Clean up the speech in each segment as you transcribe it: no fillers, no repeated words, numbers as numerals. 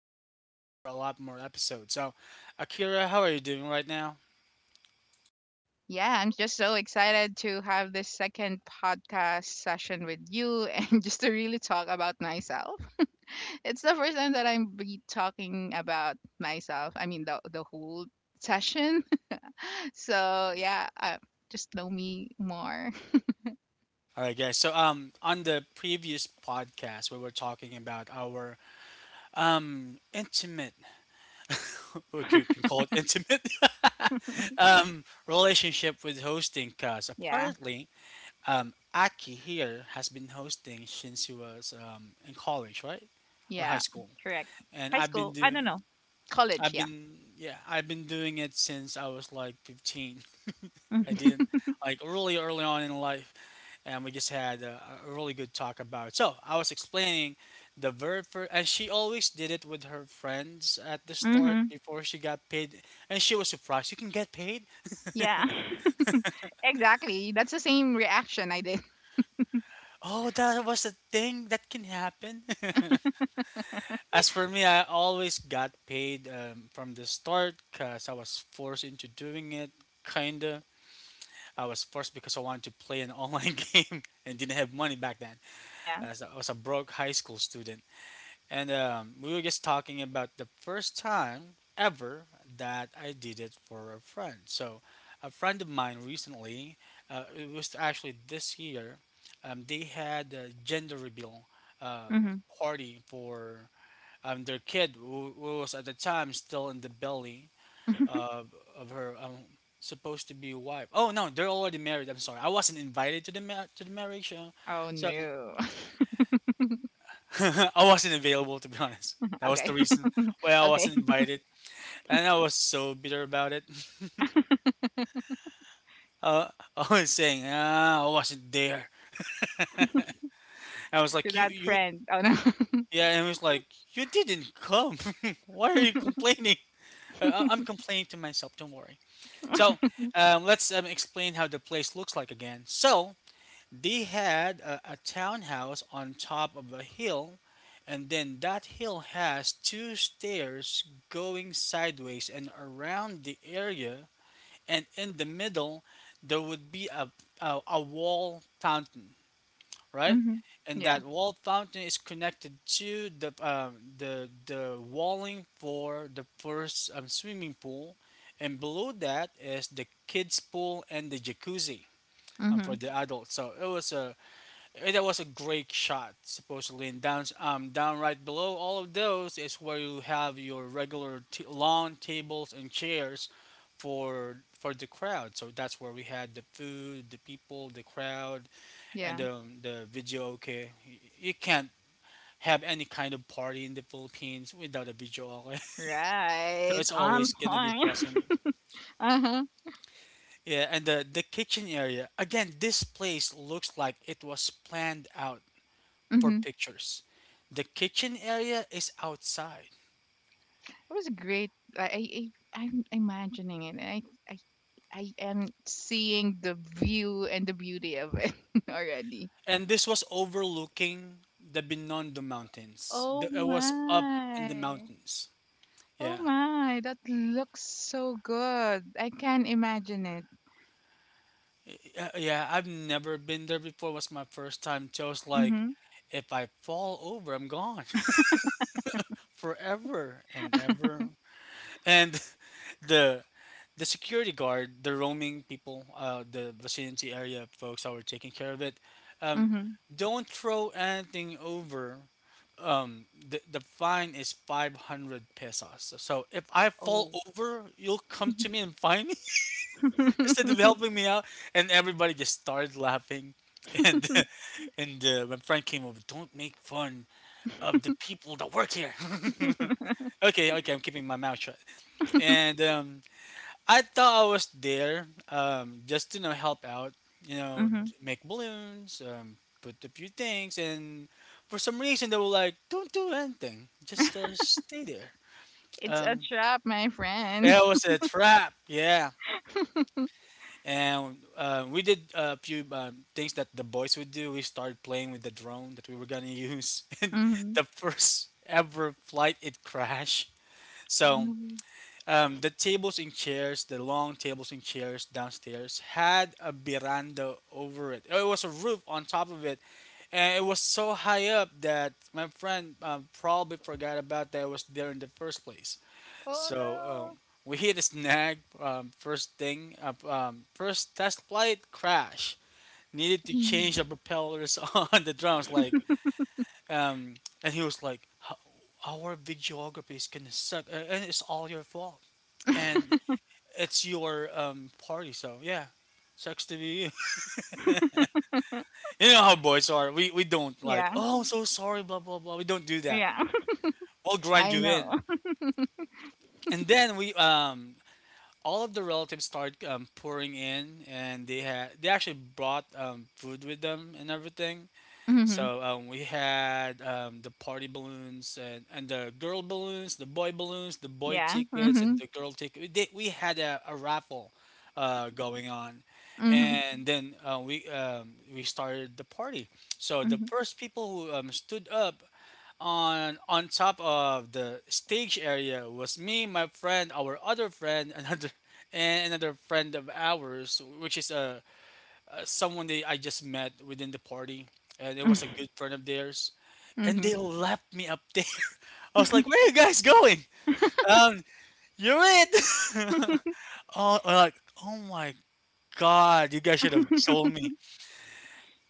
will be with us for a lot more episodes. So, Akira, how are you doing right now? yeah, I'm just so excited to have this second podcast session with you and just to really talk about myself. It's the first time that I'm be talking about myself. I mean, the whole session. so yeah, Just know me more. All right, guys. So, on the previous podcast, we were talking about our intimate we can call it intimate, relationship with hosting because Yeah, apparently Aki here has been hosting since he was in college, right, or high Yeah, school, correct. and High I've been school. I doing. don't know. College. I've Yeah, been Yeah, I've been doing it since I was like 15. I didn't Like really early on in life, and we just had a really good talk about it. So I was explaining the verb for, and she always did it with her friends at the start Mm-hmm. before she got paid, and she was surprised. You can get paid? Yeah. Exactly. That's the same reaction I did. Oh, that was a thing that can happen. As for me, I always got paid from the start because I was forced into doing it. Kinda, I was forced because I wanted to play an online game and didn't have money back then. yeah. As I was a broke high school student. And we were just talking about the first time ever that I did it for a friend. So, a friend of mine recently, it was actually this year, they had a gender reveal uh, Mm-hmm. party for their kid who was at the time still in the belly of her supposed to be wife. Oh no, they're already married. I'm sorry, I wasn't invited to the to the marriage. Oh So no. I wasn't available, to be honest. That was Okay. the reason why I Okay, wasn't invited, and I was so bitter about it. Uh, I was saying, ah, I wasn't there. I was to like, you, that you, friend. Oh no. yeah, and it was like, you didn't come. Why are you complaining? I'm complaining to myself. Don't worry. So, let's explain how the place looks like again. So, they had a townhouse on top of a hill, and then that hill has two stairs going sideways and around the area, and in the middle, there would be a wall fountain, right? hmm And Yeah. that wall fountain is connected to the the walling for the first swimming pool, and below that is the kids pool and the jacuzzi hmm for the adults. So it was a That was a great shot, supposedly. And down, down right below all of those is where you have your regular lawn tables and chairs for the crowd. So that's where we had the food, the people, the crowd, Yeah. and the video. Okay, you can't have any kind of party in the Philippines without a video. Okay, so Right. it's On always gonna be point. present. uh huh. Yeah, and the kitchen area again. This place looks like it was planned out for hmm pictures. The kitchen area is outside, It was great. I, I I- I'm imagining it, and I I am seeing the view and the beauty of it already. and this was overlooking the Binondo Mountains. Oh The, it was up in my. the mountains. Oh Yeah, my. That looks so good. I can imagine it. yeah, I've never been there before. It was my first time. So I was like, Mm-hmm. if I fall over, I'm gone forever and ever. And the the security guard, the roaming people, the vicinity area folks that were taking care of it, um, Mm-hmm. don't throw anything over. The fine is 500 pesos. So if I fall Oh. over, you'll come to me and find me instead of helping me out. And everybody just started laughing. And and my friend came over, don't make fun of the people that work here. Okay, okay, I'm keeping my mouth shut. And I thought I was there just to, you know, help out, mm-hmm. Make balloons, put a few things, and for some reason they were like, "Don't do anything, just stay there." It's a Um, trap, my friend. it was a trap, yeah. And we did a few things that the boys would do. We started playing with the drone that we were gonna use, and Mhm. the first ever flight it crashed. Oh So no. The tables and chairs, the long tables and chairs downstairs, had a veranda over it. It was a roof on top of it, and it was so high up that my friend probably forgot about that it was there in the first place. So Oh we hit a snag. First thing, first test flight crash. Needed no. to Mhm. change the propellers on the drums. Like, um, and he was like, " Our videography is gonna suck, and it's all your fault, and it's your party." So yeah, sucks to be you. You know how boys are. We don't yeah. like, "Oh, I'm so sorry," blah blah blah. We don't do that. Yeah. We'll I grind you know. in. And then we all of the relatives started pouring in, and they actually brought food with them and everything. hmm So we had the party balloons and the girl balloons, the boy Yeah. tickets, hmm and the girl ticket. We had a raffle going on, hmm and then we started the party. So the hmm first people who stood up on top of the stage area was me, my friend, our other friend, another friend of ours, which is a someone they I just met within the party, and it was a good friend of theirs, and hmm they left me up there. I was like, "Where are you guys going? Um, you're it." Oh, I'm like, oh my god, you guys should have told me.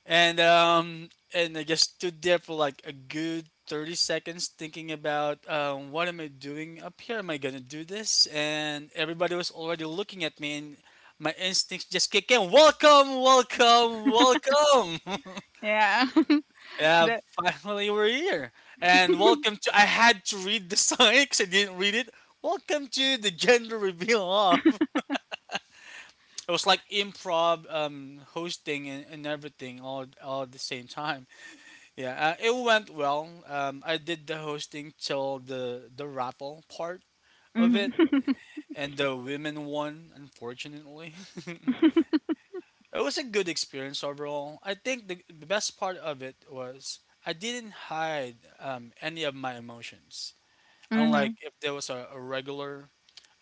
And I just stood there for like a good 30 seconds, thinking about, what am I doing up here? Am I gonna do this? And everybody was already looking at me, and my instincts just kicked in. Welcome, welcome, welcome. Yeah. Yeah, The. finally we're here. And welcome to, I had to read the sign because I didn't read it. Welcome to the gender reveal of. It was like improv hosting and everything all at the same time. Yeah, it went well. I did the hosting till the raffle part of hmm it, and the women won, unfortunately. It was a good experience overall. I think the best part of it was I didn't hide any of my emotions. Unlike hmm if there was a regular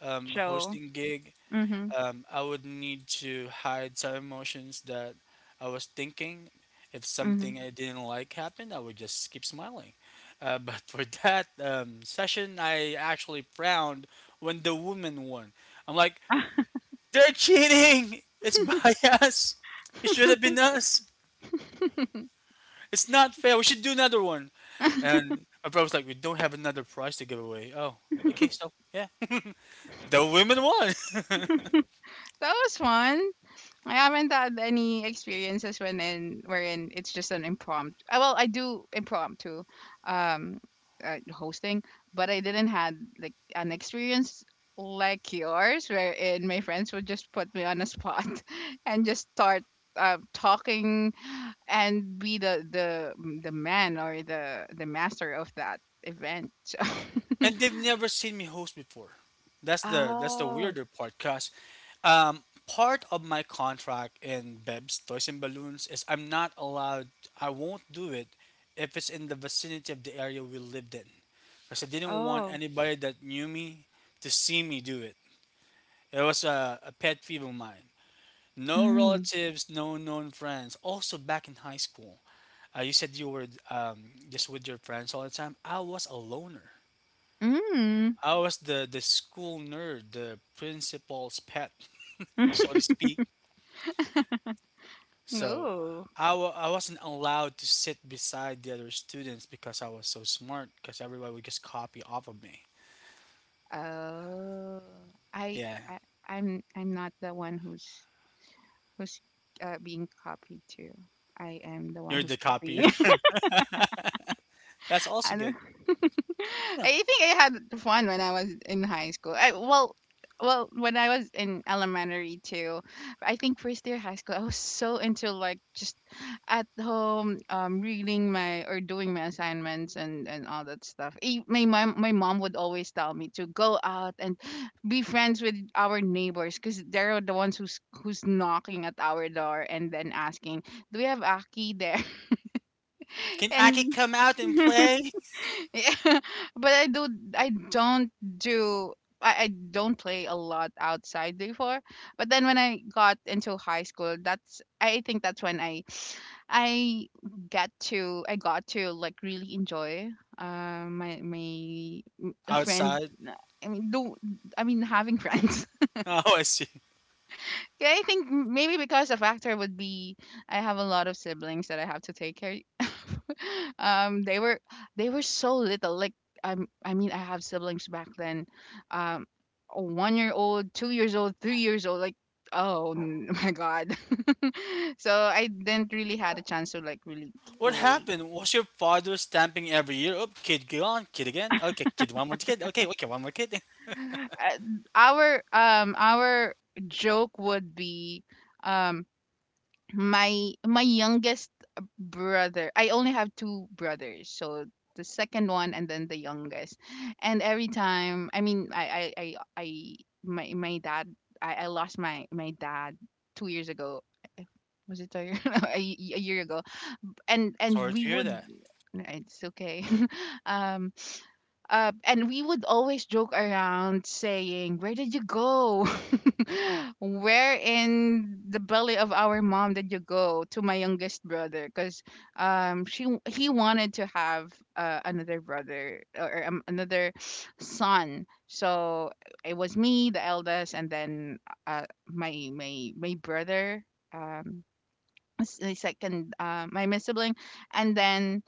So. hosting gig, Hmm I would need to hide some emotions that I was thinking. If hmm something I didn't like happened, I would just keep smiling. But for that session, I actually frowned when the woman won. I'm like, they're cheating. It's by us. It should have been us. It's not fair. We should do another one. And my brother was like, we don't have another prize to give away. Oh, okay. So yeah, the women won. That was fun. I haven't had any experiences when in wherein it's just an impromptu. Well, I do impromptu um hosting, but I didn't had like an experience like yours wherein my friends would just put me on a spot and just start talking and be the man or the master of that event. So, And they've never seen me host before. That's the Oh, weirder part, cause part of my contract in Beb's Toys and Balloons is I'm not allowed. I won't do it if it's in the vicinity of the area we lived in, because I didn't want oh, anybody that knew me to see me do it. It was a pet peeve of mine. No mm. relatives, no known friends. Also, back in high school, you said you were just with your friends all the time. I was a loner. Mm. I was the school nerd, the principal's pet, so to speak. So Oh. I wasn't allowed to sit beside the other students because I was so smart, because everybody would just copy off of me. Oh, I, Yeah, I I'm not the one who's who's being copied to. I am the one you're the who's copier. copying. That's also I don't. good. Yeah. I think I had fun when I was in high school. Well, when I was in elementary too, I think first year high school, I was so into like just at home, reading my or doing my assignments and all that stuff. My mom would always tell me to go out and be friends with our neighbors because they're the ones who's knocking at our door and then asking, "Do we have Aki there?" Can Aki and come out and play yeah, but I don't do I don't play a lot outside before. But then when I got into high school, that's I think that's when I get to I got to like really enjoy my my friends. outside? I mean do I mean having friends. Oh, I see. Yeah, I think maybe because a factor would be I have a lot of siblings that I have to take care um they were they were so little like I mean I have siblings back then um a 1 year old 2 years old 3 years old like my god so I didn't really had a chance to like really What play happened? Was your father stamping every year? Oh, kid, go on, kid again. Okay, kid, one more kid. Okay, okay, one more kid. uh, our joke would be um my my youngest brother, I only have two brothers, so the second one and then the youngest. And every time, I mean I my my dad I lost my my dad 2 years ago. Was it a year, a, y- a year ago? And Sorry to we hear would that. it's okay um and we would always joke around saying, "Where did you go? Where in the belly of our mom did you go?" To my youngest brother, because she he wanted to have another brother or another son. So it was me, the eldest, and then my brother, um, the second, my miss sibling, and then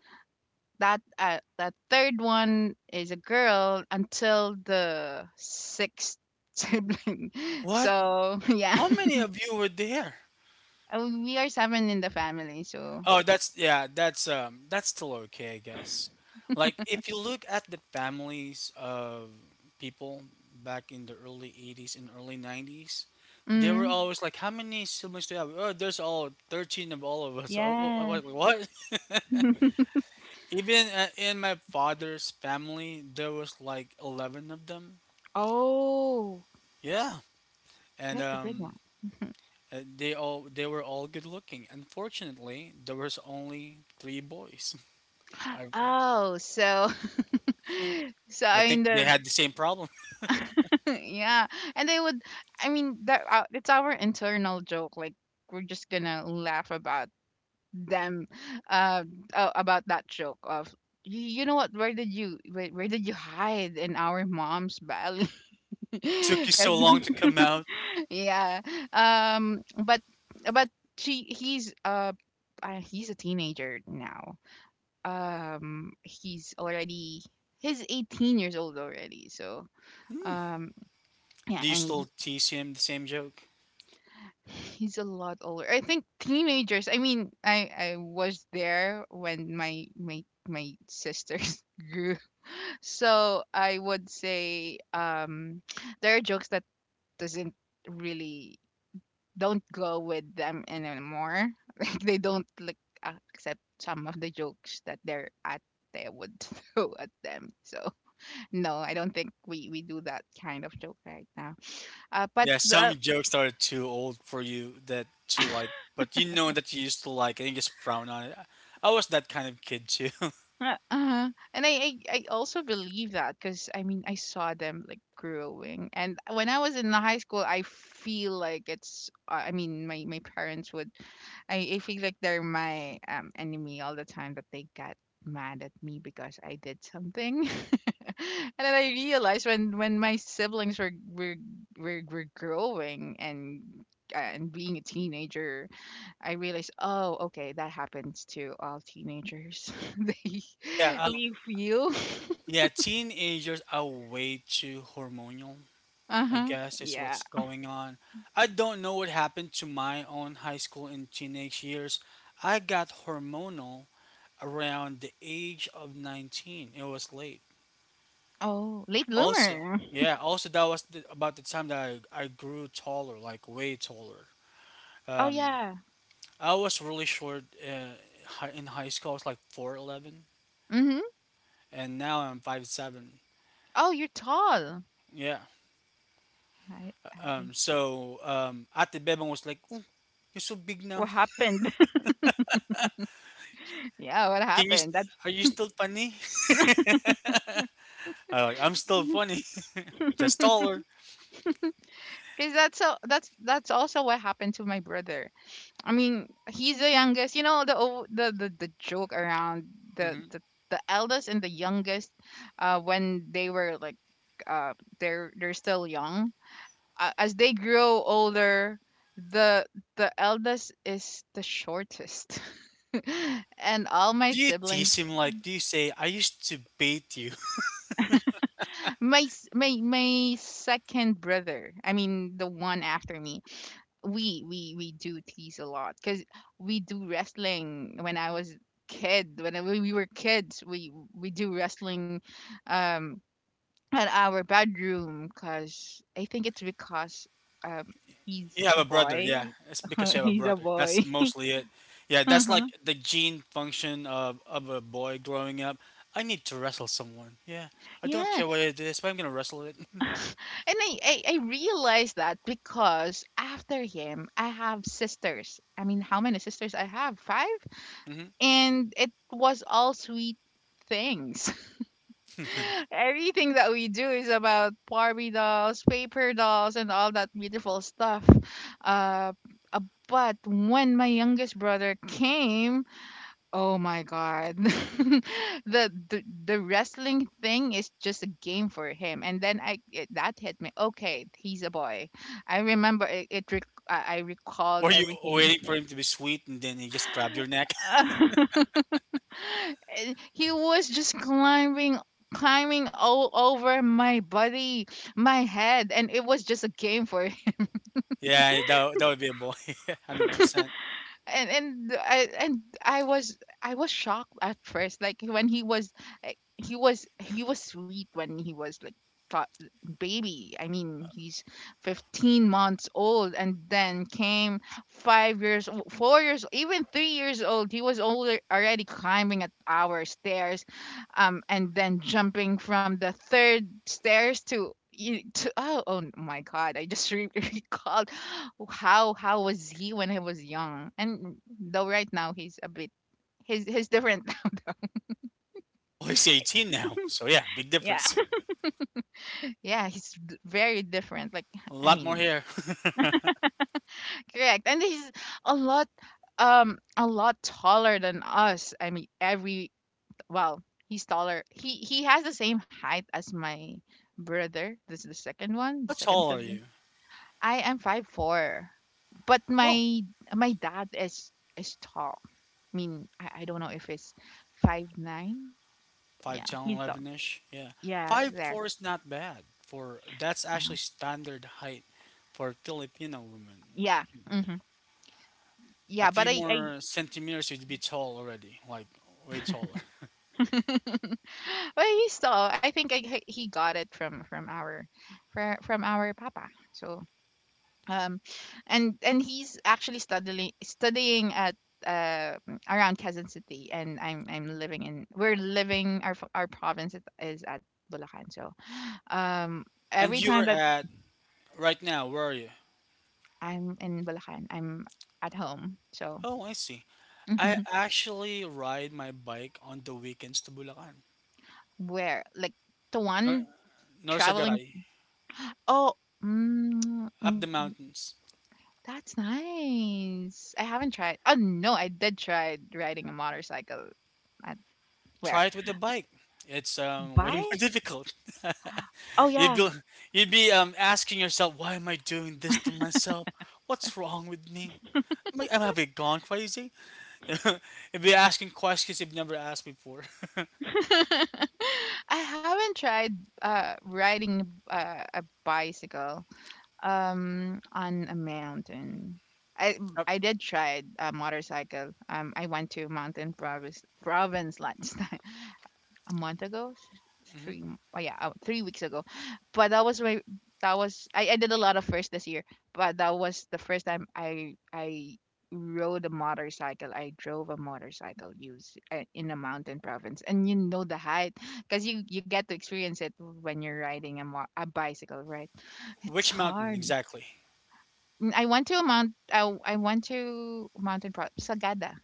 that third one is a girl until the sixth sibling. What? So yeah, How many of you were there? and we are seven in the family. So Oh, that's yeah, that's still okay, I guess. Like if you look at the families of people back in the early '80s and early '90s, they were mm, always like, "How many siblings do you have?" Oh, there's all 13 of all of us. Oh, oh, oh, yes. like, what? Even in my father's family, there was like 11 of them. Oh, Yeah. And that's a big one. They were all good looking. Unfortunately, there was only 3 boys. I Oh, so so I I think mean they the had the same problem. yeah, and they would. I mean that it's our internal joke. Like we're just gonna laugh about them uh, about that joke of, You know what, where did you, where did you hide in our mom's belly?" What took 'Cause- you so long to come out? yeah, um but but she he's a teenager now. um he's already he's 18 years old already, so Hmm. um yeah. Do you still And tease him the same joke? he's a lot older. I think teenagers. I mean, I was there when my sisters grew. So I would say there are jokes that doesn't really don't go with them anymore. Like they don't accept some of the jokes that their at they would throw at them. So no, I don't think we do that kind of joke right now. But Yeah, some the jokes are too old for you that to like, but you know that you used to like and you just frown on it. I was that kind of kid too. uh, uh-huh. And I also believe that, because I mean I saw them like growing, and when I was in the high school, I feel like it's I mean my parents would I feel like they're my enemy all the time, that they got mad at me because I did something. And then I realized when my siblings were growing and being a teenager, I realized, oh, okay, that happens to all teenagers. They Yeah, we feel. yeah, teenagers are way too hormonal, I Uh-huh. guess is Yeah. what's going on. I don't know what happened to my own high school and teenage years. I got hormonal around the age of 19. It was late. Oh, late Also, bloomer. yeah, also that was about the time that I grew taller, like way taller. Oh Um, yeah. I was really short in high school. I was like 4'11", Mm-hmm. and now I'm 5'7". Oh, you're tall. Yeah. I So Ate Bebang was like, "Oh, you're so big now. what happened? Yeah, what Can you? happened? That's Are you still funny?" I'm like, "I'm still funny, just taller." because that's that's also what happened to my brother. I mean, he's the youngest. You know the joke around the, Hmm. the the eldest and the youngest, when they were like, uh, they're still young, as they grow older, the the eldest is the shortest. And all my Do you tease siblings, him? Like, do you say, "I used to beat you"? My my second brother, I mean the one after me, we do tease a lot because we do wrestling when I was kid when I- when we were kids, we do wrestling um at our bedroom, because I think it's because um You he's have a a brother, boy. yeah. It's because you have a He's a brother. boy. That's mostly it. Yeah, that's like the gene function of a boy growing up. I need to wrestle someone. Yeah, I Yeah, don't and care what it is, but I'm gonna wrestle it. I realized that because after him, I have sisters. I mean, how many sisters I have? Five, Hmm. and it was all sweet things. Everything that we do is about Barbie dolls, paper dolls, and all that beautiful stuff. Uh, uh, but when my youngest brother came, oh my God. The wrestling thing is just a game for him. And then that hit me. Okay, he's a boy. I remember it, I recalled Were you everything. waiting for him to be sweet and then he just grabbed your neck? And he was just climbing all over my body, my head, and it was just a game for Yeah, that would be a boy. 100%. and I was shocked at first, like when he was sweet when he was like thought baby. I mean, he's 15 months old, and then came 4 years, even 3 years old. He was older, already climbing at our stairs, and then jumping from the third stairs to. Oh, oh my god, recalled how was he when he was young. And though right now he's a bit he's different. Well, he's 18 now. So, yeah, big Yeah. difference. Yeah, he's very different, like, A I lot more mean hair. correct. And he's a lot a lot taller than us. I mean every well he's taller, he has the same height as my brother, this is the second one, the How second tall are sibling. you? I am 5'4", but Oh, my dad is tall. I don't know if it's 5'9". five Yeah, ten he's the eleven ish. Yeah. yeah five there. four is not bad. For That's hmm actually standard height for Filipino women. Yeah, hmm A yeah. few more centimeters, you'd be tall already. Like, way taller. but he still. I think I, he got it from from our papa. So um, and he's actually studying at uh around Quezon City, and I'm living in we're living our province is at Bulacan. So um, And every you're time that at, right now, where are you? I'm in Bulacan, I'm at home. So Oh, I see. I actually ride my bike on the weekends to Bulacan. where like the one Nor- traveling Norsagaray. oh, Up the mm, mountains. that's nice. I haven't tried. Oh no, I did try riding a motorcycle at where? Try it with a bike. It's way more Bike? difficult. Oh You'd yeah. be you'd be asking yourself, why am I doing this to myself? What's wrong with me? Am I Have I gone crazy? You'd be asking questions you've never asked before. I haven't tried riding a bicycle on a mountain. I Up- I did try a motorcycle. I went to mountain province province last a month ago s- mhm. three m- oh yeah 3 weeks ago. But that was I did a lot of first this year, but that was the first time I rode a motorcycle I drove a motorcycle use in a mountain province. And you know the height, because you get to experience it when you're riding a, a bicycle, right? It's Which mountain hard. exactly? I went to Sagada.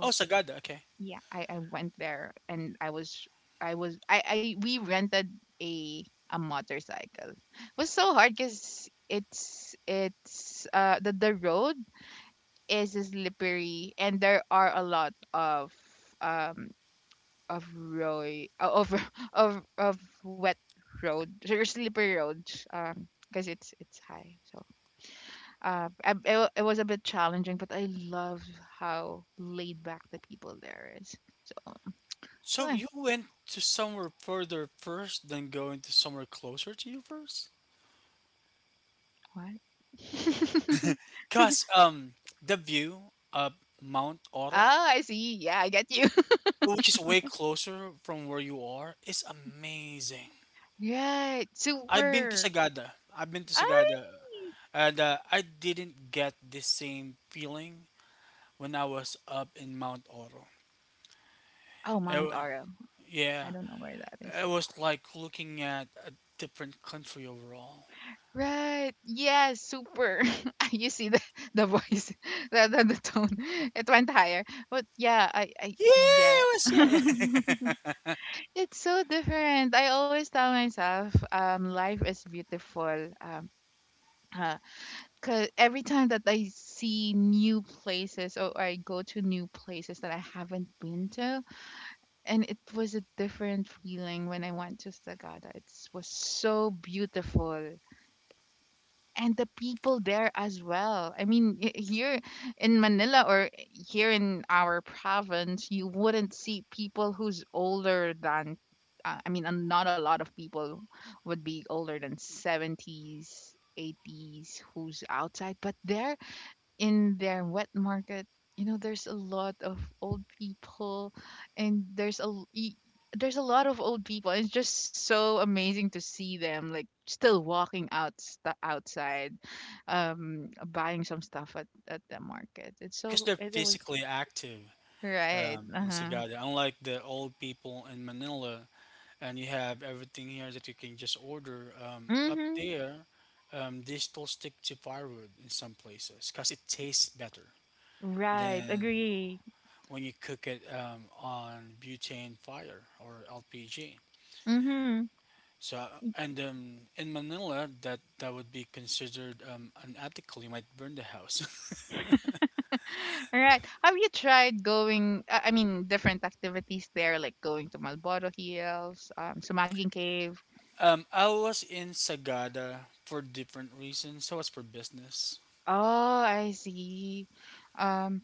Oh, Sagada. Okay. yeah, I went there and I we rented a a motorcycle. It was so hard because it's the road is slippery, and there are a lot um of roy of of wet road or slippery roads, because it's high. So it was a bit challenging, but I love how laid back the people there is. So So yeah. you went to somewhere further first, then going to somewhere closer to you first? What? Cause the view of Mount Oh, Oro, I see. Yeah, I get you. which is way closer from where you are, is amazing. Right. I've been to Super. Sagada. I've been to Oh, Sagada, really? and I didn't get the same feeling when I was up in Mount Oro. Oh, It Mount wa- Oro. I yeah, don't know where that is. it was like looking at a different country overall. Right. Yes, super. You see the voice, the tone. It went higher. But yeah, I Yeah, yeah. it was. Yeah, yeah. It's so different. I always tell myself, life is beautiful. Uh, Cause every time that I see new places or I go to new places that I haven't been to, and it was a different feeling when I went to Sagada. It was so beautiful, and the people there as well. I mean, here in Manila or here in our province, you wouldn't see people who's older than. I mean, not a lot of people would be older than 70s, 80s who's outside, but there in their wet market. There's a lot of old people, and there's a lot of old people, and it's just so amazing to see them like still walking out outside, buying some stuff at the market. And because they're It was. physically active Right, in uh-huh, Sagada, unlike the old people in Manila, and you have everything here that you can just order up mm-hmm, there, they still stick to firewood in some places because it tastes better right, than agree, when you cook it on butane fire or LPG. mm-hmm. So and in Manila, that would be considered unethical. You might burn the house. All right. Have you tried going? I mean, different activities there, like going to Malboro Hills, Sumaging Cave. I was in Sagada for different reasons, so was for business. Oh, I see. Um,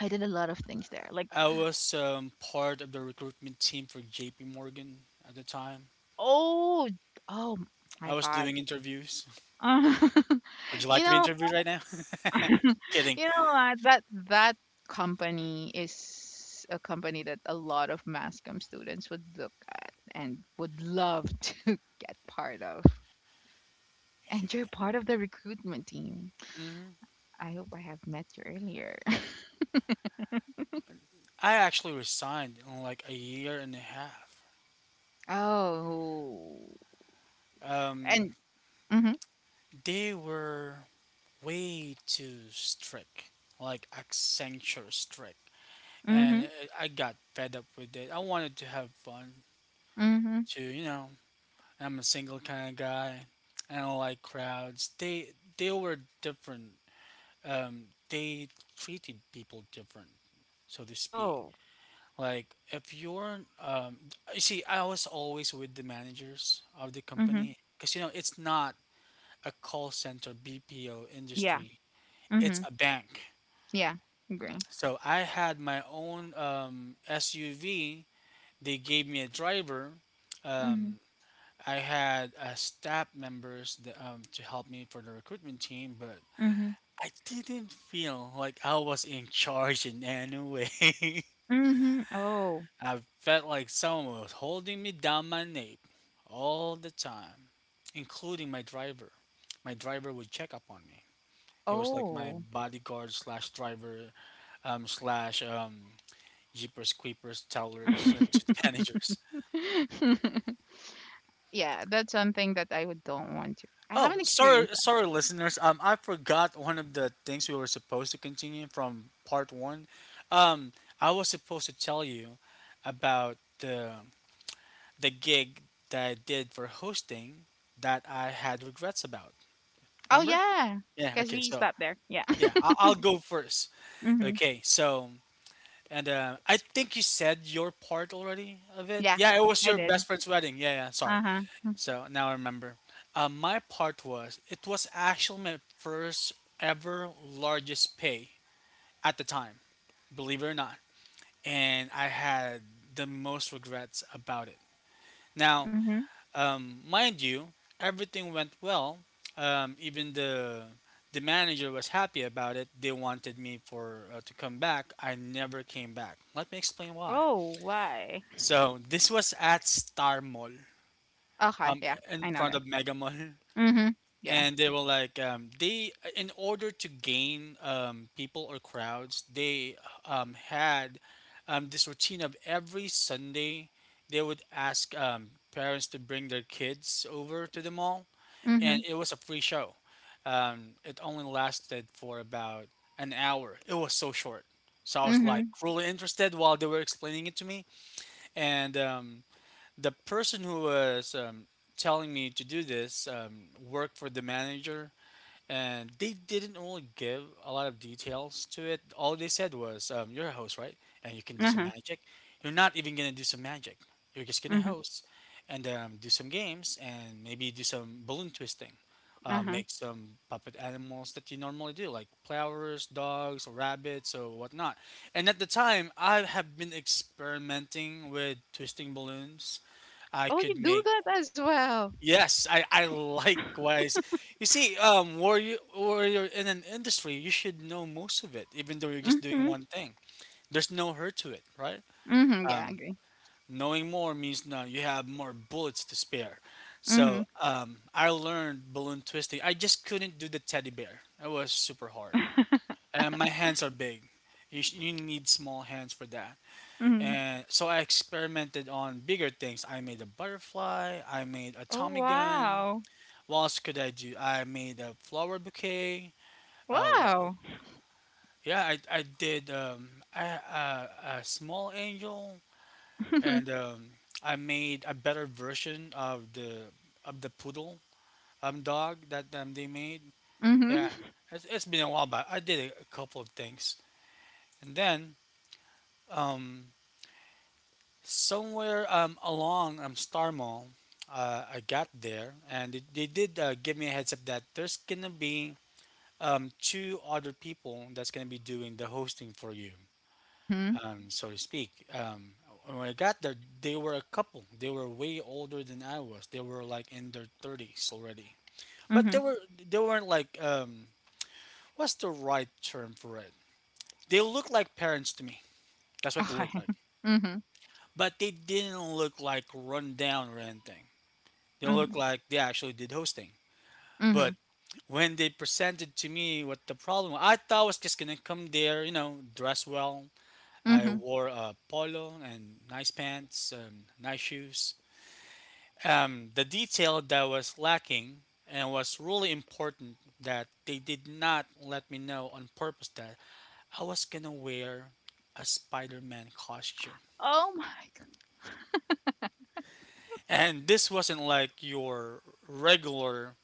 I did a lot of things there. Like, I was part of the recruitment team for JP Morgan at the time. oh, oh I my was God. doing interviews. Would you like you to be know, interviewed right now? you Kidding. know what? That company is a company that a lot of Mascom students would look at and would love to get part of. And you're part of the recruitment team. Hmm. I hope I have met you earlier. I actually resigned in like a year and a half. Oh, Um, and mm-hmm, they were way too strict, like Accenture strict, mm-hmm, and I got fed up with it. I wanted to have fun, mm-hmm. to you know, I'm a single kind of guy. I don't like crowds. They were different. Um, they treated people different, so to speak. Oh, Like if you're, you see, I was always with the managers of the mm-hmm. company because you know it's not a call center BPO Yeah. industry; it's Mm-hmm. a bank. Yeah, agree. So I had my own SUV. They gave me a driver. Mhm. Um, I had staff members that, to help me for the recruitment team, but Mhm. I didn't feel like I was in charge in any way. Mhm. Oh. I felt like someone was holding me down my nape all the time, including my driver. My driver would check up on me. He was like my Oh. bodyguard slash driver slash jeepers creepers tellers to the managers. Yeah, that's something that I would don't want to. I Oh, haven't sorry, experienced that. sorry, listeners. I forgot one of the things we were supposed to continue from part one. Um, I was supposed to tell you about the gig that I did for hosting that I had regrets about. Oh Remember? yeah, Yeah. because Okay. we So stopped there. Yeah. yeah, I'll go first. Mhm. Okay. So and I think you said your part already of it. Yeah, Yeah, it was I your did. best friend's wedding. Yeah. Yeah. Sorry. Uh huh. So now I remember. My part was it was actually my first ever largest pay at the time. Believe it or not, and I had the most regrets about it. Now, Mhm. Mind you, everything went well. Even the manager was happy about it. They wanted me for to come back. I never came back. Let me explain why. Oh, why? So this was at Star Mall, Okay. um, Yeah, I in know front that. of Mega Mall, Mhm. Yeah. and they were like they, in order to gain people or crowds, they had this routine of every Sunday. They would ask parents to bring their kids over to the mall, Mhm. and it was a free show. It only lasted for about an hour. It was so short, so I was like Mhm. really interested while they were explaining it to me. And the person who was telling me to do this worked for the manager, and they didn't really give a lot of details to it. All they said was, "You're a host, right? And you can do Uh some huh. magic. You're not even gonna do some magic. You're just gonna Mhm. host and do some games and maybe do some balloon twisting, Uh huh. make some puppet animals that you normally do, like flowers, dogs, or rabbits, or whatnot." And at the time, I have been experimenting with twisting balloons. I Oh, could you do make. that as well. Yes, I likewise. You see, where you're in an industry, you should know most of it, even though you're just doing Mhm. one thing. There's no hurt to it, right? Mhm. Yeah, I Um, agree. Knowing more means no, you have more bullets to spare. Mhm. So I learned balloon twisting. I just couldn't do the teddy bear. It was super hard, and my hands are big. You need small hands for that. Mhm. And so I experimented on bigger things. I made a butterfly. I made a Oh Tommy gun. wow. What else could I do? I made a flower bouquet. Uh, wh- Wow. yeah, I did I, uh, a small angel, and I made a better version of the poodle dog that they made. Yeah, Mhm. it's been a while, but I did a couple of things, and then um, somewhere along Star Mall, I got there, and they did give me a heads up that there's gonna be two other people that's going to be doing the hosting for you, Mhm. So to speak. When I got there, they were a couple. They were way older than I was. They were like in their thirties already, but they Mhm. were they weren't like what's the right term for it? They looked like parents to me. That's what they Okay. looked like, Mhm. but they didn't look like run down or anything. They Mhm. looked like they actually did hosting, Mhm. but when they presented to me what the problem I thought I was just gonna come there, dress well, I Mhm. wore a polo and nice pants and nice shoes. The detail that was lacking and was really important that they did not let me know on purpose that I was gonna wear a Spider Man costume. Oh my God. And this wasn't like your regular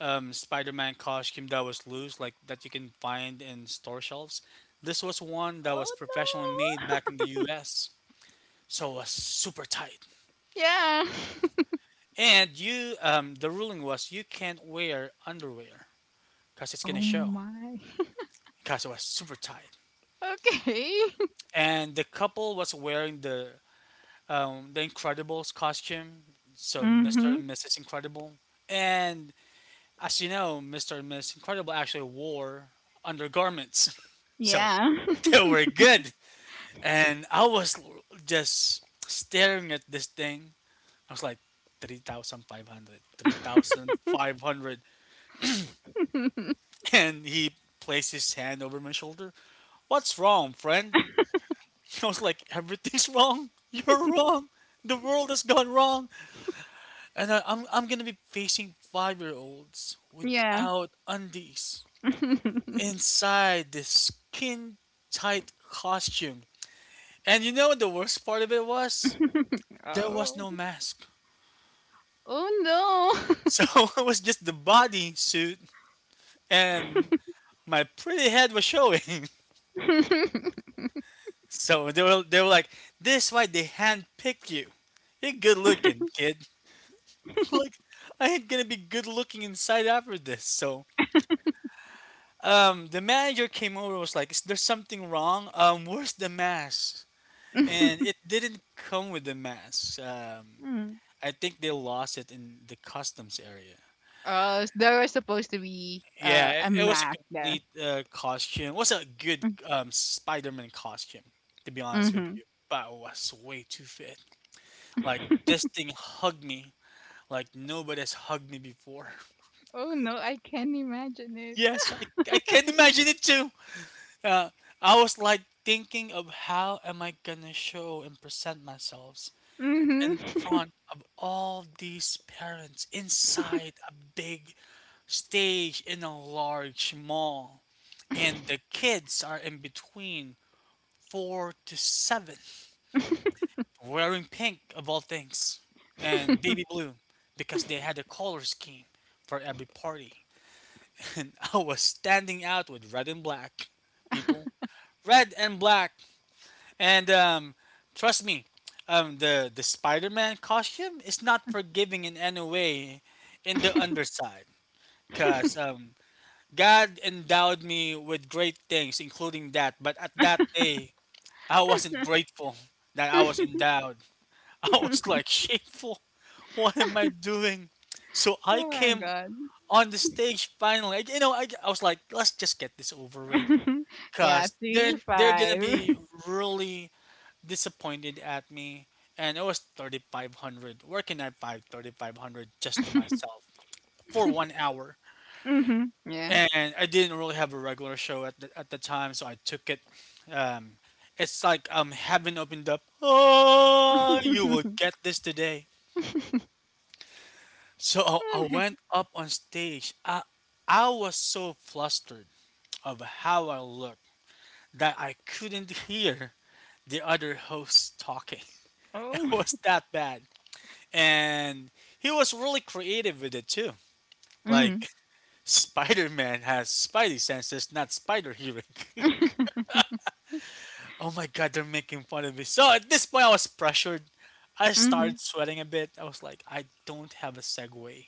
Spider Man costume that was loose, like that you can find in store shelves. This was one that was Oh professionally made no. back in the US, so it was super tight. Yeah. And the ruling was you can't wear underwear because it's Oh gonna show my. because it was super tight. Okay. And the couple was wearing the Incredibles costume, so Mr. Mhm. and Mrs. Incredible. And as you know, Mr. and Mrs. Incredible actually wore undergarments, so Yeah. they were good. And I was just staring at this thing. I was like, 3,500, three thousand five hundred. And he placed his hand over my shoulder. What's wrong, friend? I was like, everything's wrong. You're wrong. The world has gone wrong. And I'm going to be facing 5-year olds Yeah. without undies inside this skin tight costume. And you know what the worst part of it was? There was no Oh. mask. Oh no. So it was just the body suit and my pretty head was showing. So they were like, this why they handpicked you. You're good looking, kid. Like, I ain't gonna be good looking inside after this. So the manager came over and was like, "Is there something wrong? Where's the mask?" And it didn't come with the mask. Mm. I think they lost it in the customs area. Oh, there was supposed to be, Yeah, a it was a map there. complete costume. It was a good Mm. Spider-Man costume, to be honest with Mhm. you. But it was way too fit. Like this thing hugged me like nobody's hugged me before. Oh no, I can't imagine it. Yes, I can imagine it too. Uh, I was like thinking of how am I gonna show and present myself Mhm. in front of all these parents inside a big stage in a large mall. And the kids are in between four to seven, wearing pink of all things, and baby blue because they had a color scheme for every party. And I was standing out with red and black people, red and black. And trust me, the Spider-Man costume is not forgiving in any way in the underside, cause God endowed me with great things, including that. But at that day, I wasn't grateful that I was endowed. I was like shameful. What am I doing? So I Oh my came god. on the stage finally. I, you know, I was like, let's just get this over with, Yeah, cause they're three they're gonna five. be really disappointed at me. And it was 3,500. Where can I find 3,500 just to myself for 1 hour? Mm-hmm. Yeah. And I didn't really have a regular show at the time, so I took it. Um, it's like heaven opened up. Oh, you will get this today. So I went up on stage. I was so flustered of how I looked that I couldn't hear the other host talking. It Oh. was that bad. And he was really creative with it too. Mm. Like Spider Man has spidey senses, not spider hearing. oh my god, they're making fun of me. So at this point, I was pressured. I started Mhm. sweating a bit. I was like, I don't have a segue.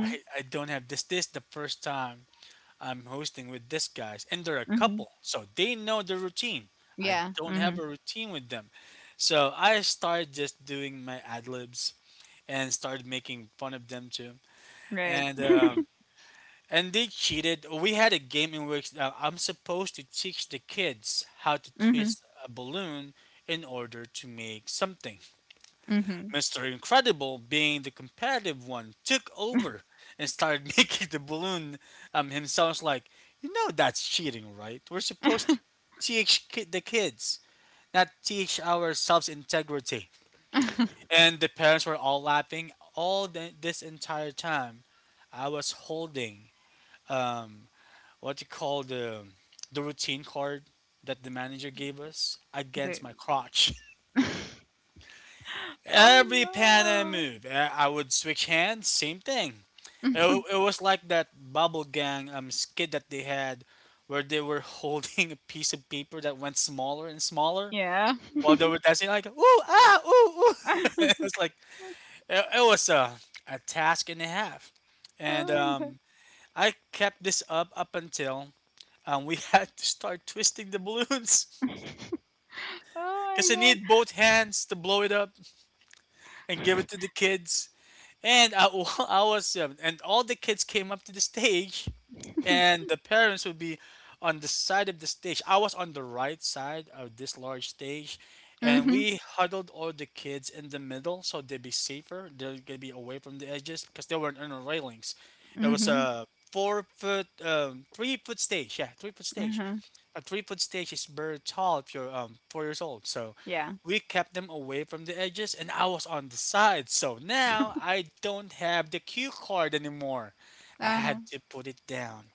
I, I don't have this. This is the first time I'm hosting with this guys, and they're a Mhm. couple, so they know the routine. I Yeah. don't have Mhm. a routine with them, so I started just doing my ad libs and started making fun of them too, Right. and um, and they cheated. We had a game in which I'm supposed to teach the kids how to Mhm. twist a balloon in order to make something. Mhm. Mr. Incredible, being the competitive one, took over and started making the balloon himself like, you know, that's cheating, right? We're supposed to the kids, not teach ourselves integrity. And the parents were all laughing all this entire time. I was holding um, what you call the routine card that the manager gave us against Dude. my crotch. Every pan I Oh move, I would switch hands. Same thing. no. It was like that bubble gang skit that they had, where they were holding a piece of paper that went smaller and smaller Yeah. while they were dancing. Like ooh ah ooh ooh. it Oh was like it was a task and a half, and my god. I kept this up until we had to start twisting the balloons Oh because I my need both hands to blow it up. And give it god. to the kids. And I was, and all the kids came up to the stage, and the parents would be on the side of the stage. I was on the right side of this large stage, and Mhm. we huddled all the kids in the middle so they'd be safer. They're gonna be away from the edges because they weren't on the railings. It was Mhm. a 3 foot stage. Yeah, 3 foot Uh stage. huh. A 3 foot stage is very tall if you're 4 years old. So Yeah. we kept them away from the edges and I was on the side. So now I don't have the cue card anymore. I Uh huh. had to put it down.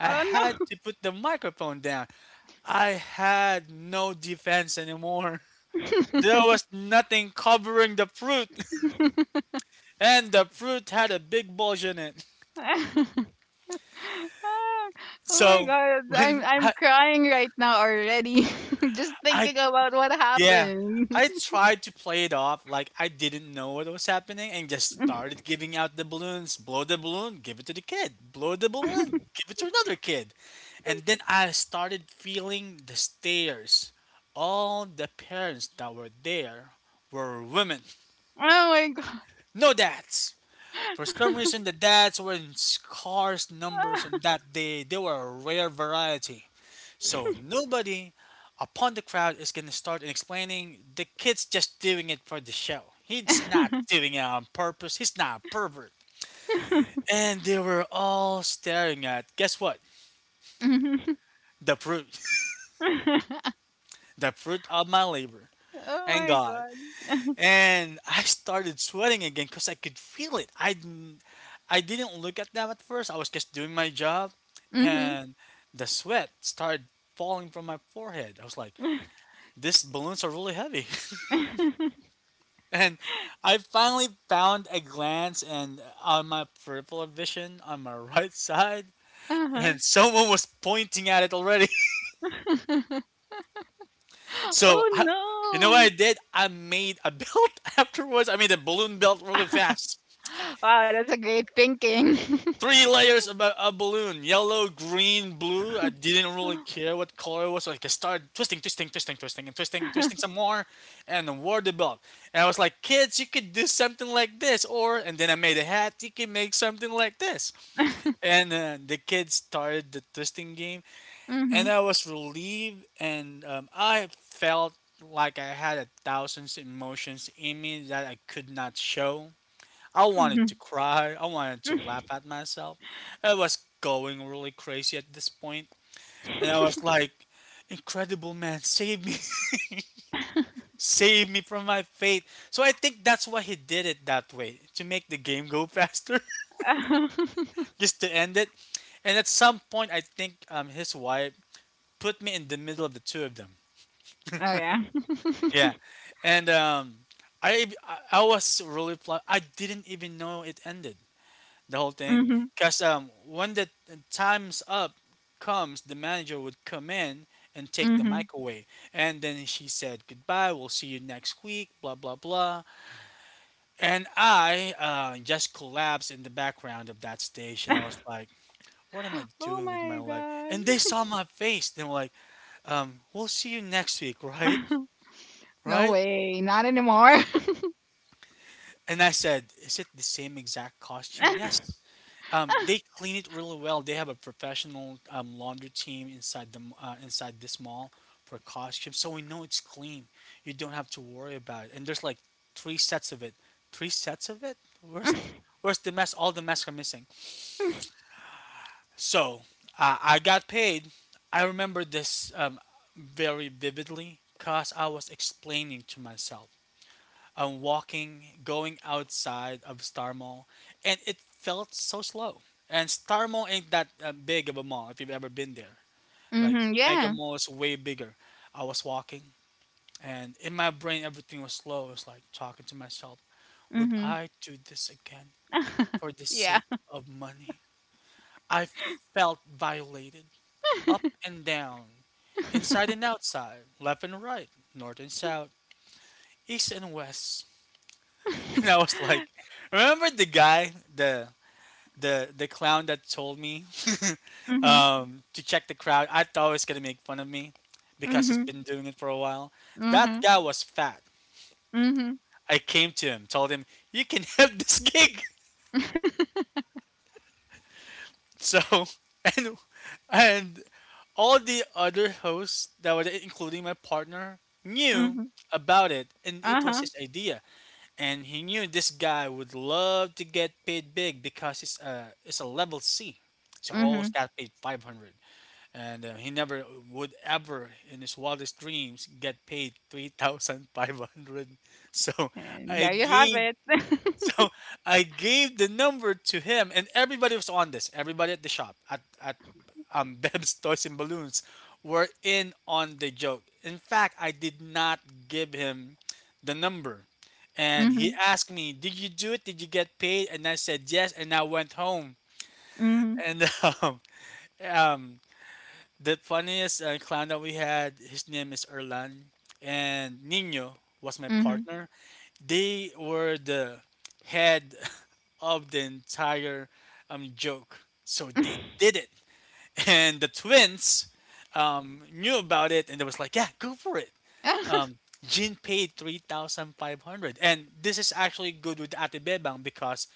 I had Oh to put the microphone down. I had no defense anymore. There was nothing covering the fruit, no. and the fruit had a big bulge in it. Ah, oh my So god, I'm when I'm crying right now already. Just I thinking about what Yeah. happened. I tried to play it off like I didn't know what was happening and just started giving out the balloons. Blow the balloon, give it to the kid. Blow the balloon, give it to another kid. And then I started feeling the stares. All the parents that were there were women. Oh my god. No dads. For some reason, the dads were in scarce numbers on that day. They were a rare variety. So nobody upon the crowd is gonna start and explaining the kid's just doing it for the show. He's not doing it on purpose. He's not a pervert. And they were all staring at guess what? Mhm. The fruit. the fruit of my labor. Oh And my God. god. And I started sweating again because I could feel it. I didn't look at them at first. I was just doing my job Mhm. and the sweat started falling from my forehead. I was like, these balloons are really heavy. And I finally found a glance and on my peripheral vision on my right side, Uh-huh. and someone was pointing at it already. So Oh you know what I no. did? I made a belt afterwards. I made a balloon belt really fast. Wow, that's a great thinking. Three layers of a balloon: yellow, green, blue. I didn't really care what color it was. So I just started twisting, twisting, twisting, twisting, and twisting, twisting some more, and then wore the belt. And I was like, "Kids, you could do something like this," or and then I made a hat. You can make something like this. And the kids started the twisting game and Mm-hmm. I was relieved and I felt like I had a thousand emotions in me that I could not show. I wanted to cry. I wanted to laugh at myself. I was going really crazy at this point, and I was like, incredible man save me. save me from my fate. So I think that's why he did it that way to make the game go faster, just to end it. And at some point I think his wife put me in the middle of the two of them. Oh yeah. Yeah, and I I was really flat. I didn't even know it ended the whole thing Mm-hmm. because when the time's up comes, the manager would come in and take the Mm-hmm. mic away, and then she said goodbye. We'll see you next week. Blah blah blah. And I just collapsed in the background of that station. I was like, "What am I Oh doing with my my life?" And god. they saw my face. They were like, "We'll see you next week, right? No Right?" way, not anymore. And I said, "Is it the same exact costume?" Yes. They clean it really well. They have a professional laundry team inside inside this mall for costumes, so we know it's clean. You don't have to worry about it. And there's like three sets of it. Three sets of it. Where's the mess? All the masks are missing. So I got paid. I remember this very vividly because I was explaining to myself, walking, going outside of Star Mall, and it felt so slow. And Star Mall ain't that big of a mall if you've ever been there. Like Mhm. Mega Yeah. Mall is way bigger. I was walking, and in my brain everything was slow. I was like talking to myself, "Would Mhm. I do this again for the Yeah. sake of money?" I felt violated, up and down, inside and outside, left and right, north and south, east and west. and I was like, remember the guy, the clown that told me Mhm. To check the crowd? I thought he was gonna make fun of me because he's Mhm. been doing it for a while. That Mhm. guy was fat. Mhm. I came to him, told him, "You can have this gig." So and and all the other hosts that were there, including my partner knew Mhm. about it and Uh it was huh. his idea and he knew this guy would love to get paid big because it's a level C, so always Mhm. got paid 500, and he never would ever in his wildest dreams get paid 3,500. So And I there you have gave it. So I gave the number to him, and everybody was on this. Everybody at the shop at Beb's Toys and Balloons were in on the joke. In fact, I did not give him the number, and he Mhm. asked me, "Did you do it? Did you get paid?" And I said yes, and I went home. Mhm. And um, um, the funniest clown that we had, his name is Erlan, and Nino was my Mhm. partner. They were the head of the entire joke. So they did it. And the twins knew about it and they was like, yeah, go for it. Um, Jin paid 3,500. And this is actually good with Ate Bebang because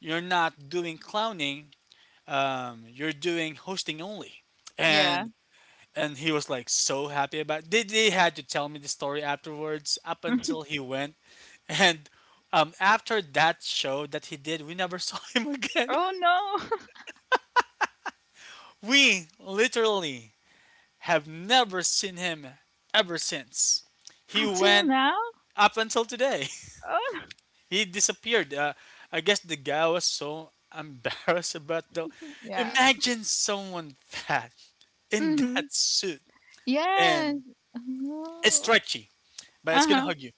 you're not doing clowning, you're doing hosting only. Yeah. And and he was like so happy about they had to tell me the story afterwards up until he went, and after that show that he did, we never saw him again. Oh no. We literally have never seen him ever since. He Until went now. up until today. Oh no. He disappeared. I guess the guy was so embarrassed about the— Yeah. imagine someone fat in that Mhm. suit, Yeah. and it's No. stretchy but it's Uh gonna huh. hug you.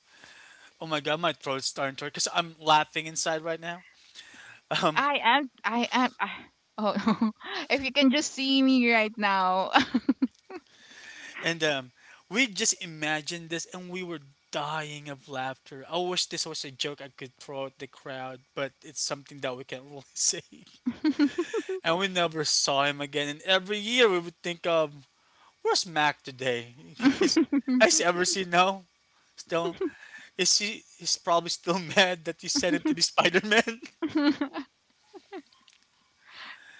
Oh my god, my throat's starting to hurt because I'm laughing inside right now. Um, I am. I am. I, oh no. If you can just see me right now. and We just imagined this, and we were dying of laughter. I wish this was a joke I could throw at the crowd, but it's something that we can't really say. And we never saw him again. And every year we would think of, where's Mac today? You guys, has ever seen? No? Still, is he? He's probably still mad that you sent him to be Spider Man.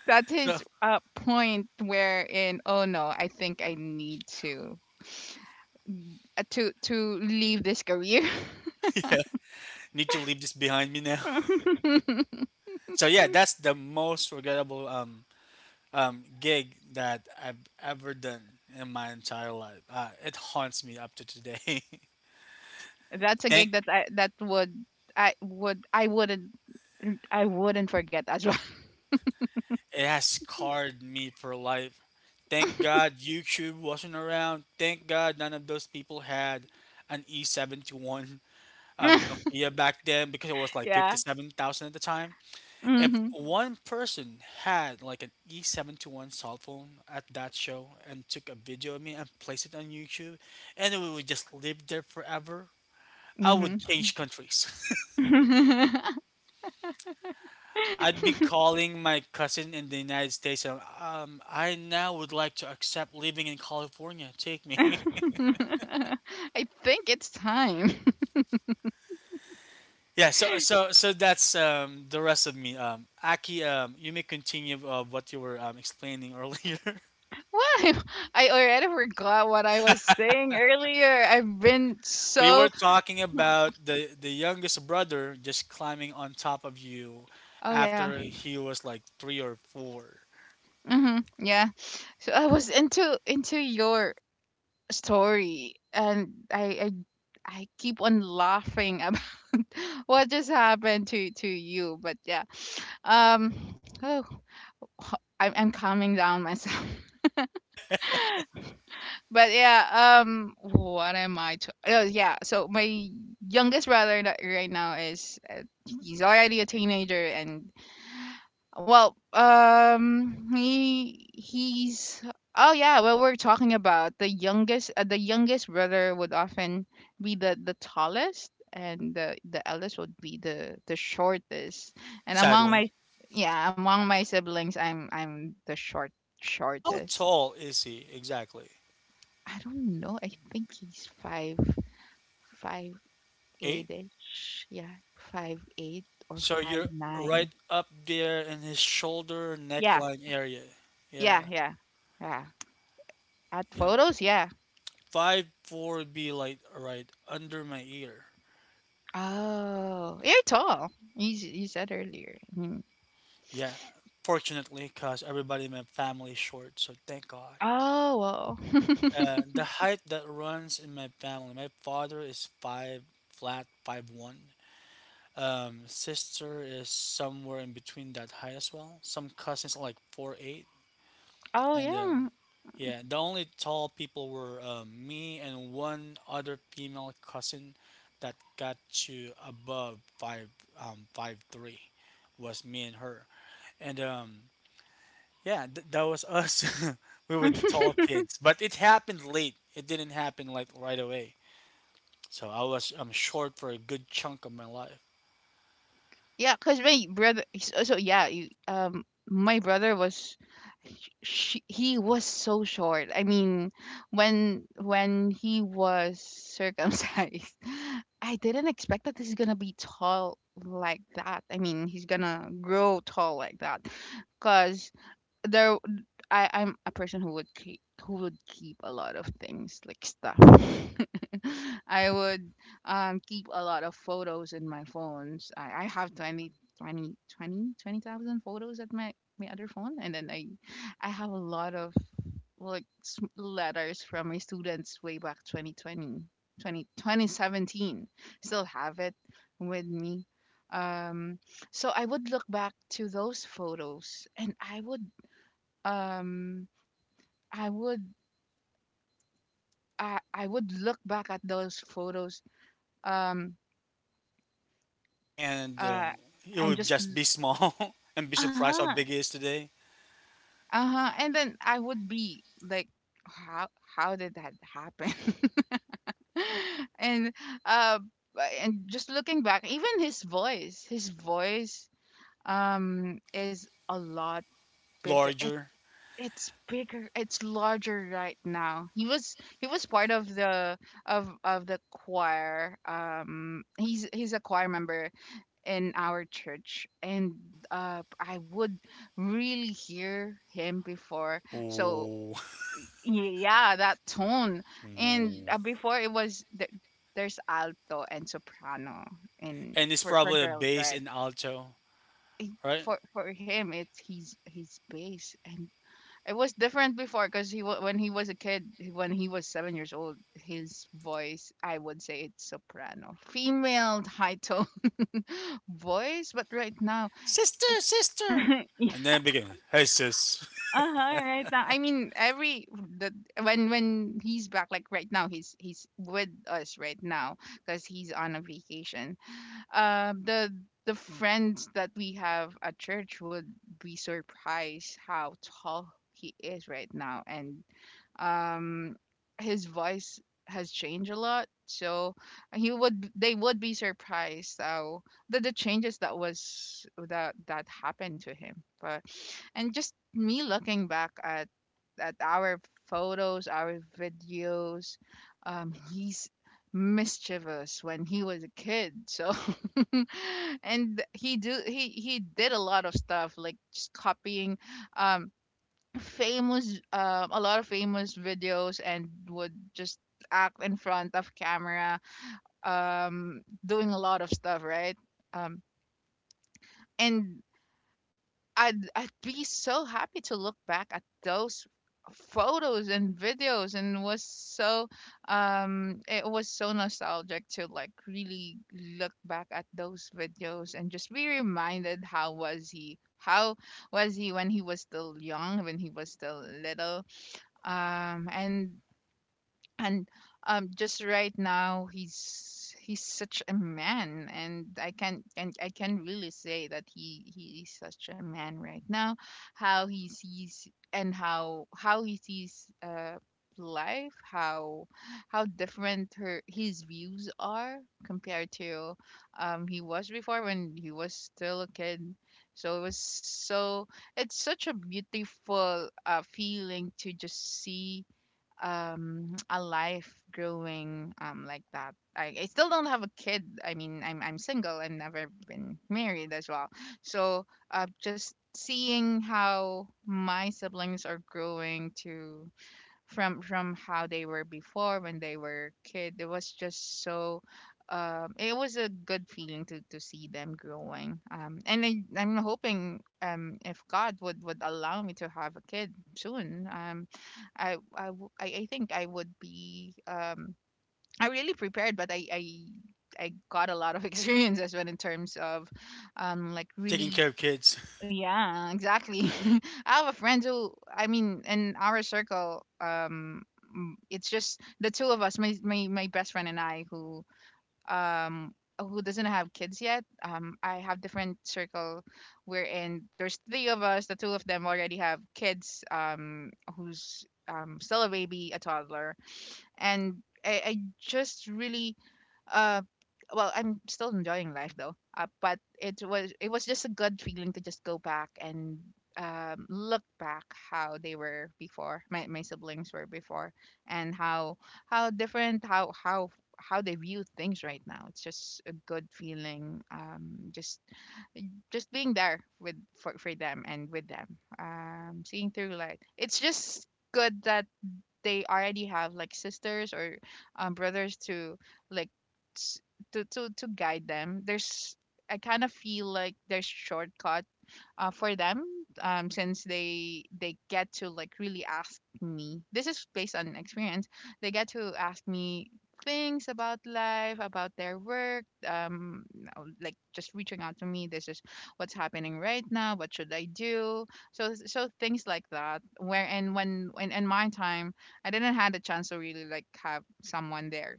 That's So his point wherein, oh no, I think I need to leave this career. yeah, need to leave this behind me now. That's the most regrettable gig that I've ever done in my entire life. It haunts me up to today. That's a Thank— gig that I that would I wouldn't forget as it has scarred me for life. Thank God YouTube wasn't around. Thank God none of those people had an E71 well. Nokia back then because it was like Yeah. 57,000 at the time. If Hmm. one person had like an E71 cell phone at that show and took a video of me and placed it on YouTube, and it would just live there forever, I Hmm. would change countries. I'd be calling my cousin in the United States. I now would like to accept living in California. Take me. I think it's time. Yeah. So that's the rest of me. Aki, you may continue of what you were explaining earlier. What? I already forgot what I was saying earlier. I've been We were so. talking about the youngest brother just climbing on top of you Oh, yeah. after he was like three or four. Mm-hmm. Yeah. So I was into your story, and I keep on laughing about what just happened to you. But yeah. Um oh, I'm calming down myself. But yeah, what am I to oh yeah, so my youngest brother right now is he's already a teenager, and well, he's oh yeah. Well, we're talking about the youngest. The youngest brother would often be the tallest, and the eldest would be the shortest. And among Sadly, my yeah, among my siblings, I'm the how shortest. tall is he exactly? I don't know. I think he's five five Eight? eight ish. Yeah, 5'8" or So you're five right nine. up there in his shoulder Yeah, neckline area. yeah, Yeah, yeah, yeah. At yeah. photos, yeah. 5'4" would be like right under my ear. Oh, you're tall. You you said earlier. Mhm. Yeah, fortunately, cause everybody in my family is short, so thank God. Oh, wow. The height that runs in my family. My father is five flat, 5'1". Sister is somewhere in between that height as well. Some cousins are like 4'8". Oh, And yeah. Yeah, the only tall people were me and one other female cousin that got to above five 5'3" was me and her. And Yeah, that was us. We were the tall kids, but it happened late. It didn't happen like right away. So I was short for a good chunk of my life, Yeah, because my brother. So, so yeah, you, my brother was, she, he was so short. I mean, when he was circumcised, I didn't expect that this is gonna be tall like that. I mean, he's gonna grow tall like that. Cause there I'm a person who would keep a lot of things like stuff. I would keep a lot of photos in my phones. I have 20,000 photos at my other phone, and then I have a lot of like letters from my students way back 2017. Still have it with me, um so I would look back to those photos, and I would, um I would, I would look back at those photos, um and uh, it and would just just be small and be surprised how uh-huh, big it is today. uh-huh, and then I would be like, how how did that happen. And uh, and just looking back, even his voice, his voice, is a lot bigger. Larger. It's bigger, it's larger right now. He was part of the of the choir. He's a choir member in our church, and uh, I would really hear him before, so Oh. y- yeah, that tone. And before it was there's alto and soprano, and And it's for probably a girls, bass right? and alto, Eh, right? for him it's he's bass, and it was different before because he when he was a kid, he- when he was 7 years old, his voice I would say it's soprano, female high tone voice. But right now, Sister, it sister, yeah, and then begin. Hey, sis, uh-huh, right now. I mean, every the when he's back, like right now, he's with us right now because he's on a vacation. um the the friends that we have at church would be surprised how tall he is right now, and um, his voice has changed a lot, so he would, they would be surprised how the changes that was that that happened to him. But, and just me looking back at our photos, our videos, he's mischievous when he was a kid, so and he do he did a lot of stuff like just copying um famous, a lot of famous videos, and would just act in front of camera, doing a lot of stuff right. um and I'd be so happy to look back at those photos and videos, and was so, it was so nostalgic to like really look back at those videos and just be reminded how was he when he was still young, when he was still little. um and and, just right now, he's such a man, and I can really say that he is such a man right now, how he sees, and how he sees uh, life, how different her his views are compared to, he was before when he was still a kid. So it was so, it's such a beautiful feeling to just see, a life growing, like that. I still don't have a kid. I mean, I'm single and never been married as well. So uh, just seeing how my siblings are growing to, from how they were before when they were kid. It was just so, it was a good feeling to see them growing, and I, I'm hoping, if God would allow me to have a kid soon, I think I would be, I really prepared, but I got a lot of experiences when in terms of, like taking really. care of kids. Yeah, exactly. I have a friend who, I mean, in our circle, it's just the two of us, my best friend and I, um who doesn't have kids yet. I have different circle we're in. There's three of us. The two of them already have kids. Who's still a baby, a toddler, and I just really uh well I'm still enjoying life though, but it was just a good feeling to just go back and look back how they were before, my siblings were before, and how how different how they view things right now. It's just a good feeling, just being there with for them and with them, seeing through light. It's just good that they already have like sisters or brothers to like s- to guide them. There's I kind of feel like there's shortcut for them, since they get to like really ask me, this is based on experience. They get to ask me things about life, about their work, you like just reaching out to me. This is what's happening right now, what should I do? So things like that where and when in my time I didn't had a chance to really like have someone there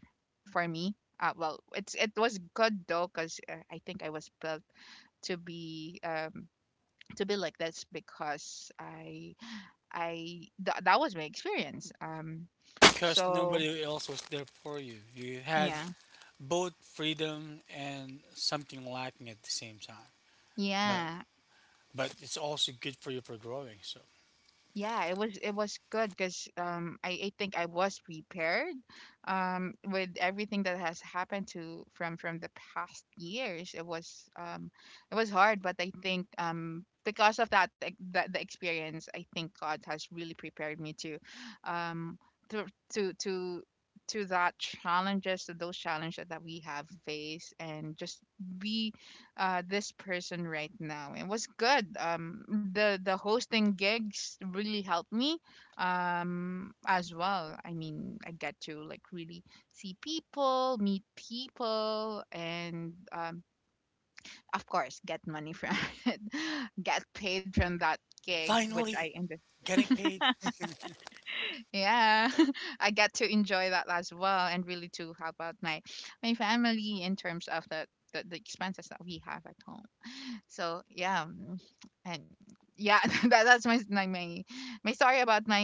for me. Uh, well it's it was good though, because I think I was built to be um to be like this because I that was my experience. Yeah, because so nobody else was there for you. You had yeah, both freedom and something lacking at the same time. But yeah. but it's also good for you for growing. So Yeah, it was good because I think I was prepared with everything that has happened to from the past years. It was hard, but I think because of that, like, that the experience, I think God has really prepared me to um to to to to that challenges, to those challenges that we have faced, and just be this person right now. It was good. The hosting gigs really helped me as well. I mean, I get to like really see people, meet people, and, of course, get money from it, get paid from that gig which I finally, ended. getting paid. Yeah. I get to enjoy that as well and really to help out my my family in terms of the expenses that we have at home. So yeah, and yeah, that's my story about my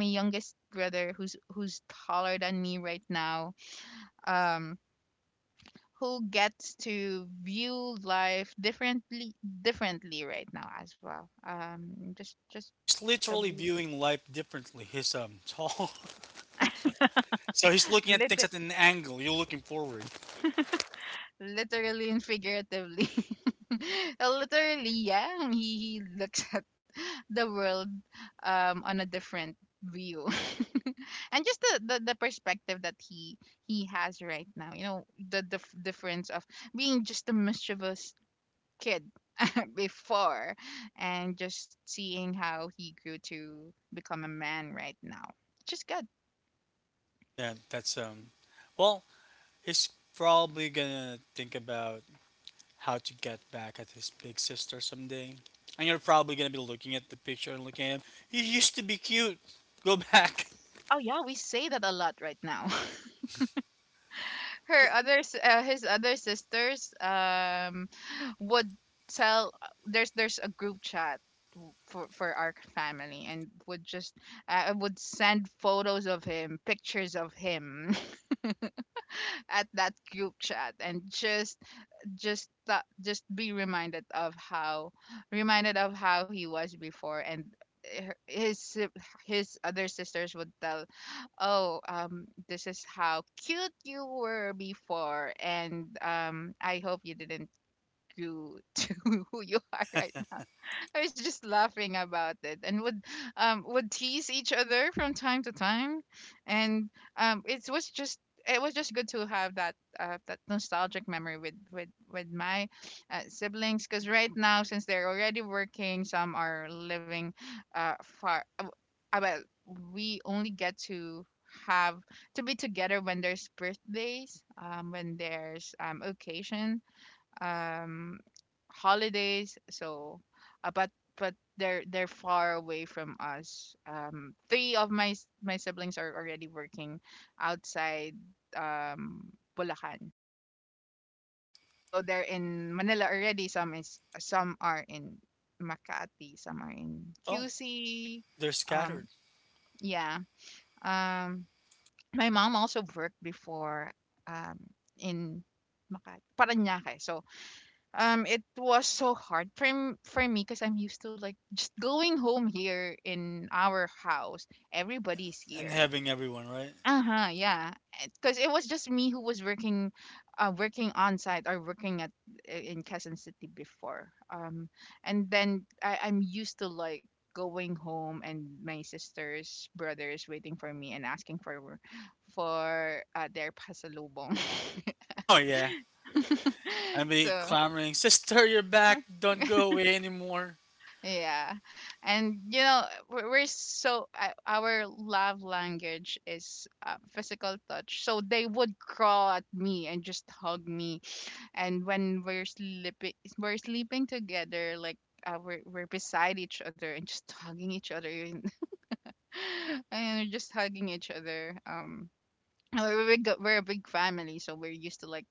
my youngest brother who's taller than me right now. Um, who gets to view life differently right now as well. Just He's a literally bit. viewing life differently. He's tall, so he's looking at things liter- at an angle. You're looking forward. Literally and figuratively. Literally, yeah. He looks at the world on a different view. And just the perspective that he has right now, you know, the difference of being just a mischievous kid before, and just seeing how he grew to become a man right now, which is good. Yeah, that's. Well, he's probably gonna think about how to get back at his big sister someday. And you're probably gonna be looking at the picture and looking at him. He used to be cute. Go back. Oh yeah, we say that a lot right now. Okay. His other sisters, would tell, there's a group chat for our family, and would just, would send photos of him, pictures of him at that group chat, and just just be reminded of how he was before, and his his other sisters would tell, oh, this is how cute you were before, and I hope you didn't do to who you are right. I was just laughing about it and would, would tease each other from time to time. And, it was just good to have that, that nostalgic memory with my siblings, because right now, since they're already working, some are living far. Well, we only get to have to be together when there's birthdays, when there's occasion, um holidays. But they're far away from us. Three of my siblings are already working outside, um Bulacan, so they're in Manila already. Some is, some are in Makati, some are in Oh, QC. they're um scattered yeah. um my mom also worked before, um in Makati, Parañaque. So um, it was so hard for for me because I'm used to like just going home here in our house. Everybody's and here. having everyone, right? Uh huh. Yeah. Because it was just me who was working, working on site or working at in Quezon City before. And then I'm used to like going home and my sisters, brothers waiting for me and asking for their pasalubong. Oh, yeah. And be So. clamoring, Sister, you're back. Don't go away anymore. Yeah. And you know, we're so, our love language is, physical touch. So they would crawl at me and just hug me. And when we're sleeping together, like, we're beside each other and just hugging each other, and and we're just hugging each other. We're a big family, so we're used to like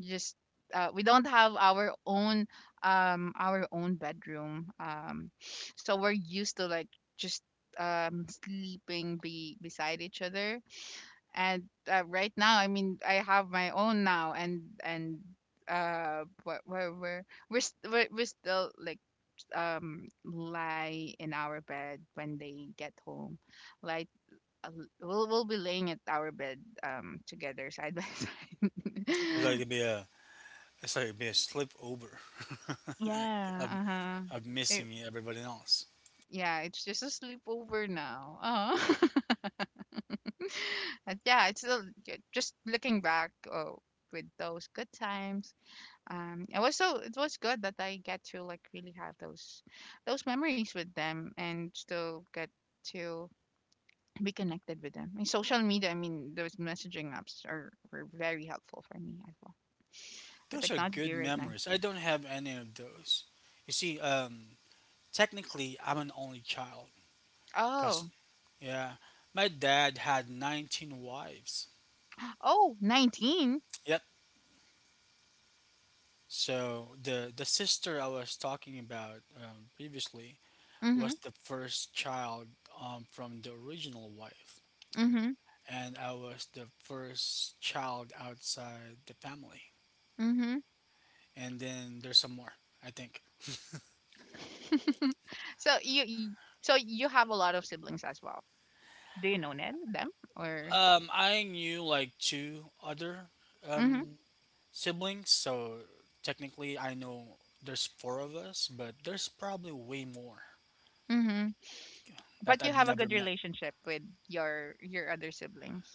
just, we don't have our own bedroom. We're used to like just sleeping be beside each other, and, right now, I mean, I have my own now, and, uh we're we're we're we're, st- we're still like lie in our bed when they get home. Lie uh, we'll be laying at our bed, together side by It's like side. it'd be a, it's like it'd be a slip over. Yeah, I'm, uh-huh. I'm It, missing everybody else. yeah, it's just a sleepover now. Uh-huh. And yeah, it's still just looking back, oh, with those good times. It was good that I get to like really have those memories with them and still get to be connected with them. I mean, social media, I mean, those messaging apps are were very helpful for me as well. The Those are good technology right now. memories. I don't have any of those. You see, technically, I'm an only child. Cause, Oh. yeah, my dad had 19 wives. Oh, 19. Yep. So the sister I was talking about previously was Mhm. the first child from the original wife, Mhm. and I was the first child outside the family. Mhm. And then there's some more, I think. so you you- so you have a lot of siblings as well. Do you know Ned, them, or? I knew like two other Mhm. um, siblings, so technically I know there's four of us, but there's probably way more Mhm. But you that I've have a good never met. relationship with your other siblings?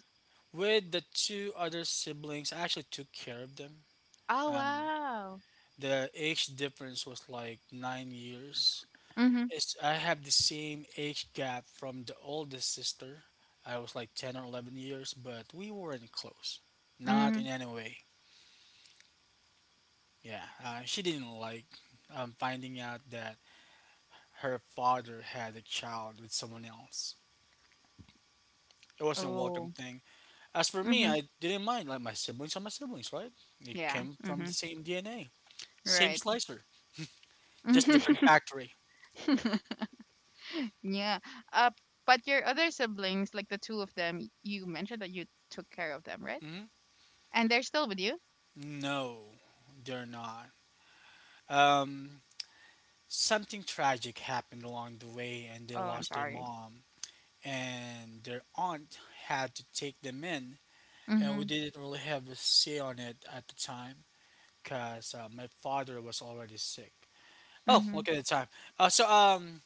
With the two other siblings, I actually took care of them. Oh, Um, wow. the age difference was like 9 years. Mhm. It's, I have the same age gap from the oldest sister. I was like 10 or 11 years, but we weren't close. Not Mhm. in any way. Yeah, she didn't like finding out that her father had a child with someone else. It wasn't a welcome Oh. thing. As for me, Mhm. I didn't mind. Like my siblings are my siblings, right? They Yeah. came from the Mhm. same DNA, same Right. slicer, just different factory. Yeah. Uh, but your other siblings, like the two of them, you mentioned that you took care of them, right? Hmm. And they're still with you? No, they're not. Um, something tragic happened along the way, and Oh, they I'm lost their sorry. mom, and their aunt had to take them in, and we Mhm. didn't really have a say on it at the time, cause my father was already sick. Oh, Mm-hmm. look at the time. Uh, so um,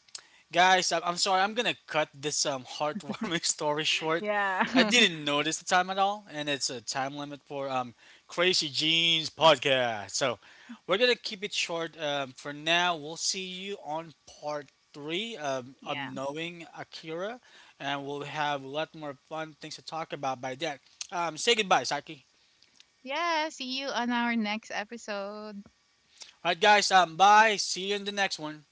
Guys, I'm sorry. I'm gonna cut this heartwarming story short. Yeah. I didn't notice the time at all, and it's a time limit for Crazy Jeans podcast. So we're gonna keep it short for now. We'll see you on part three of Yeah. knowing Akira, and we'll have a lot more fun things to talk about by then. Say goodbye, Saki. Yeah. See you on our next episode. All right, guys. Bye. See you in the next one.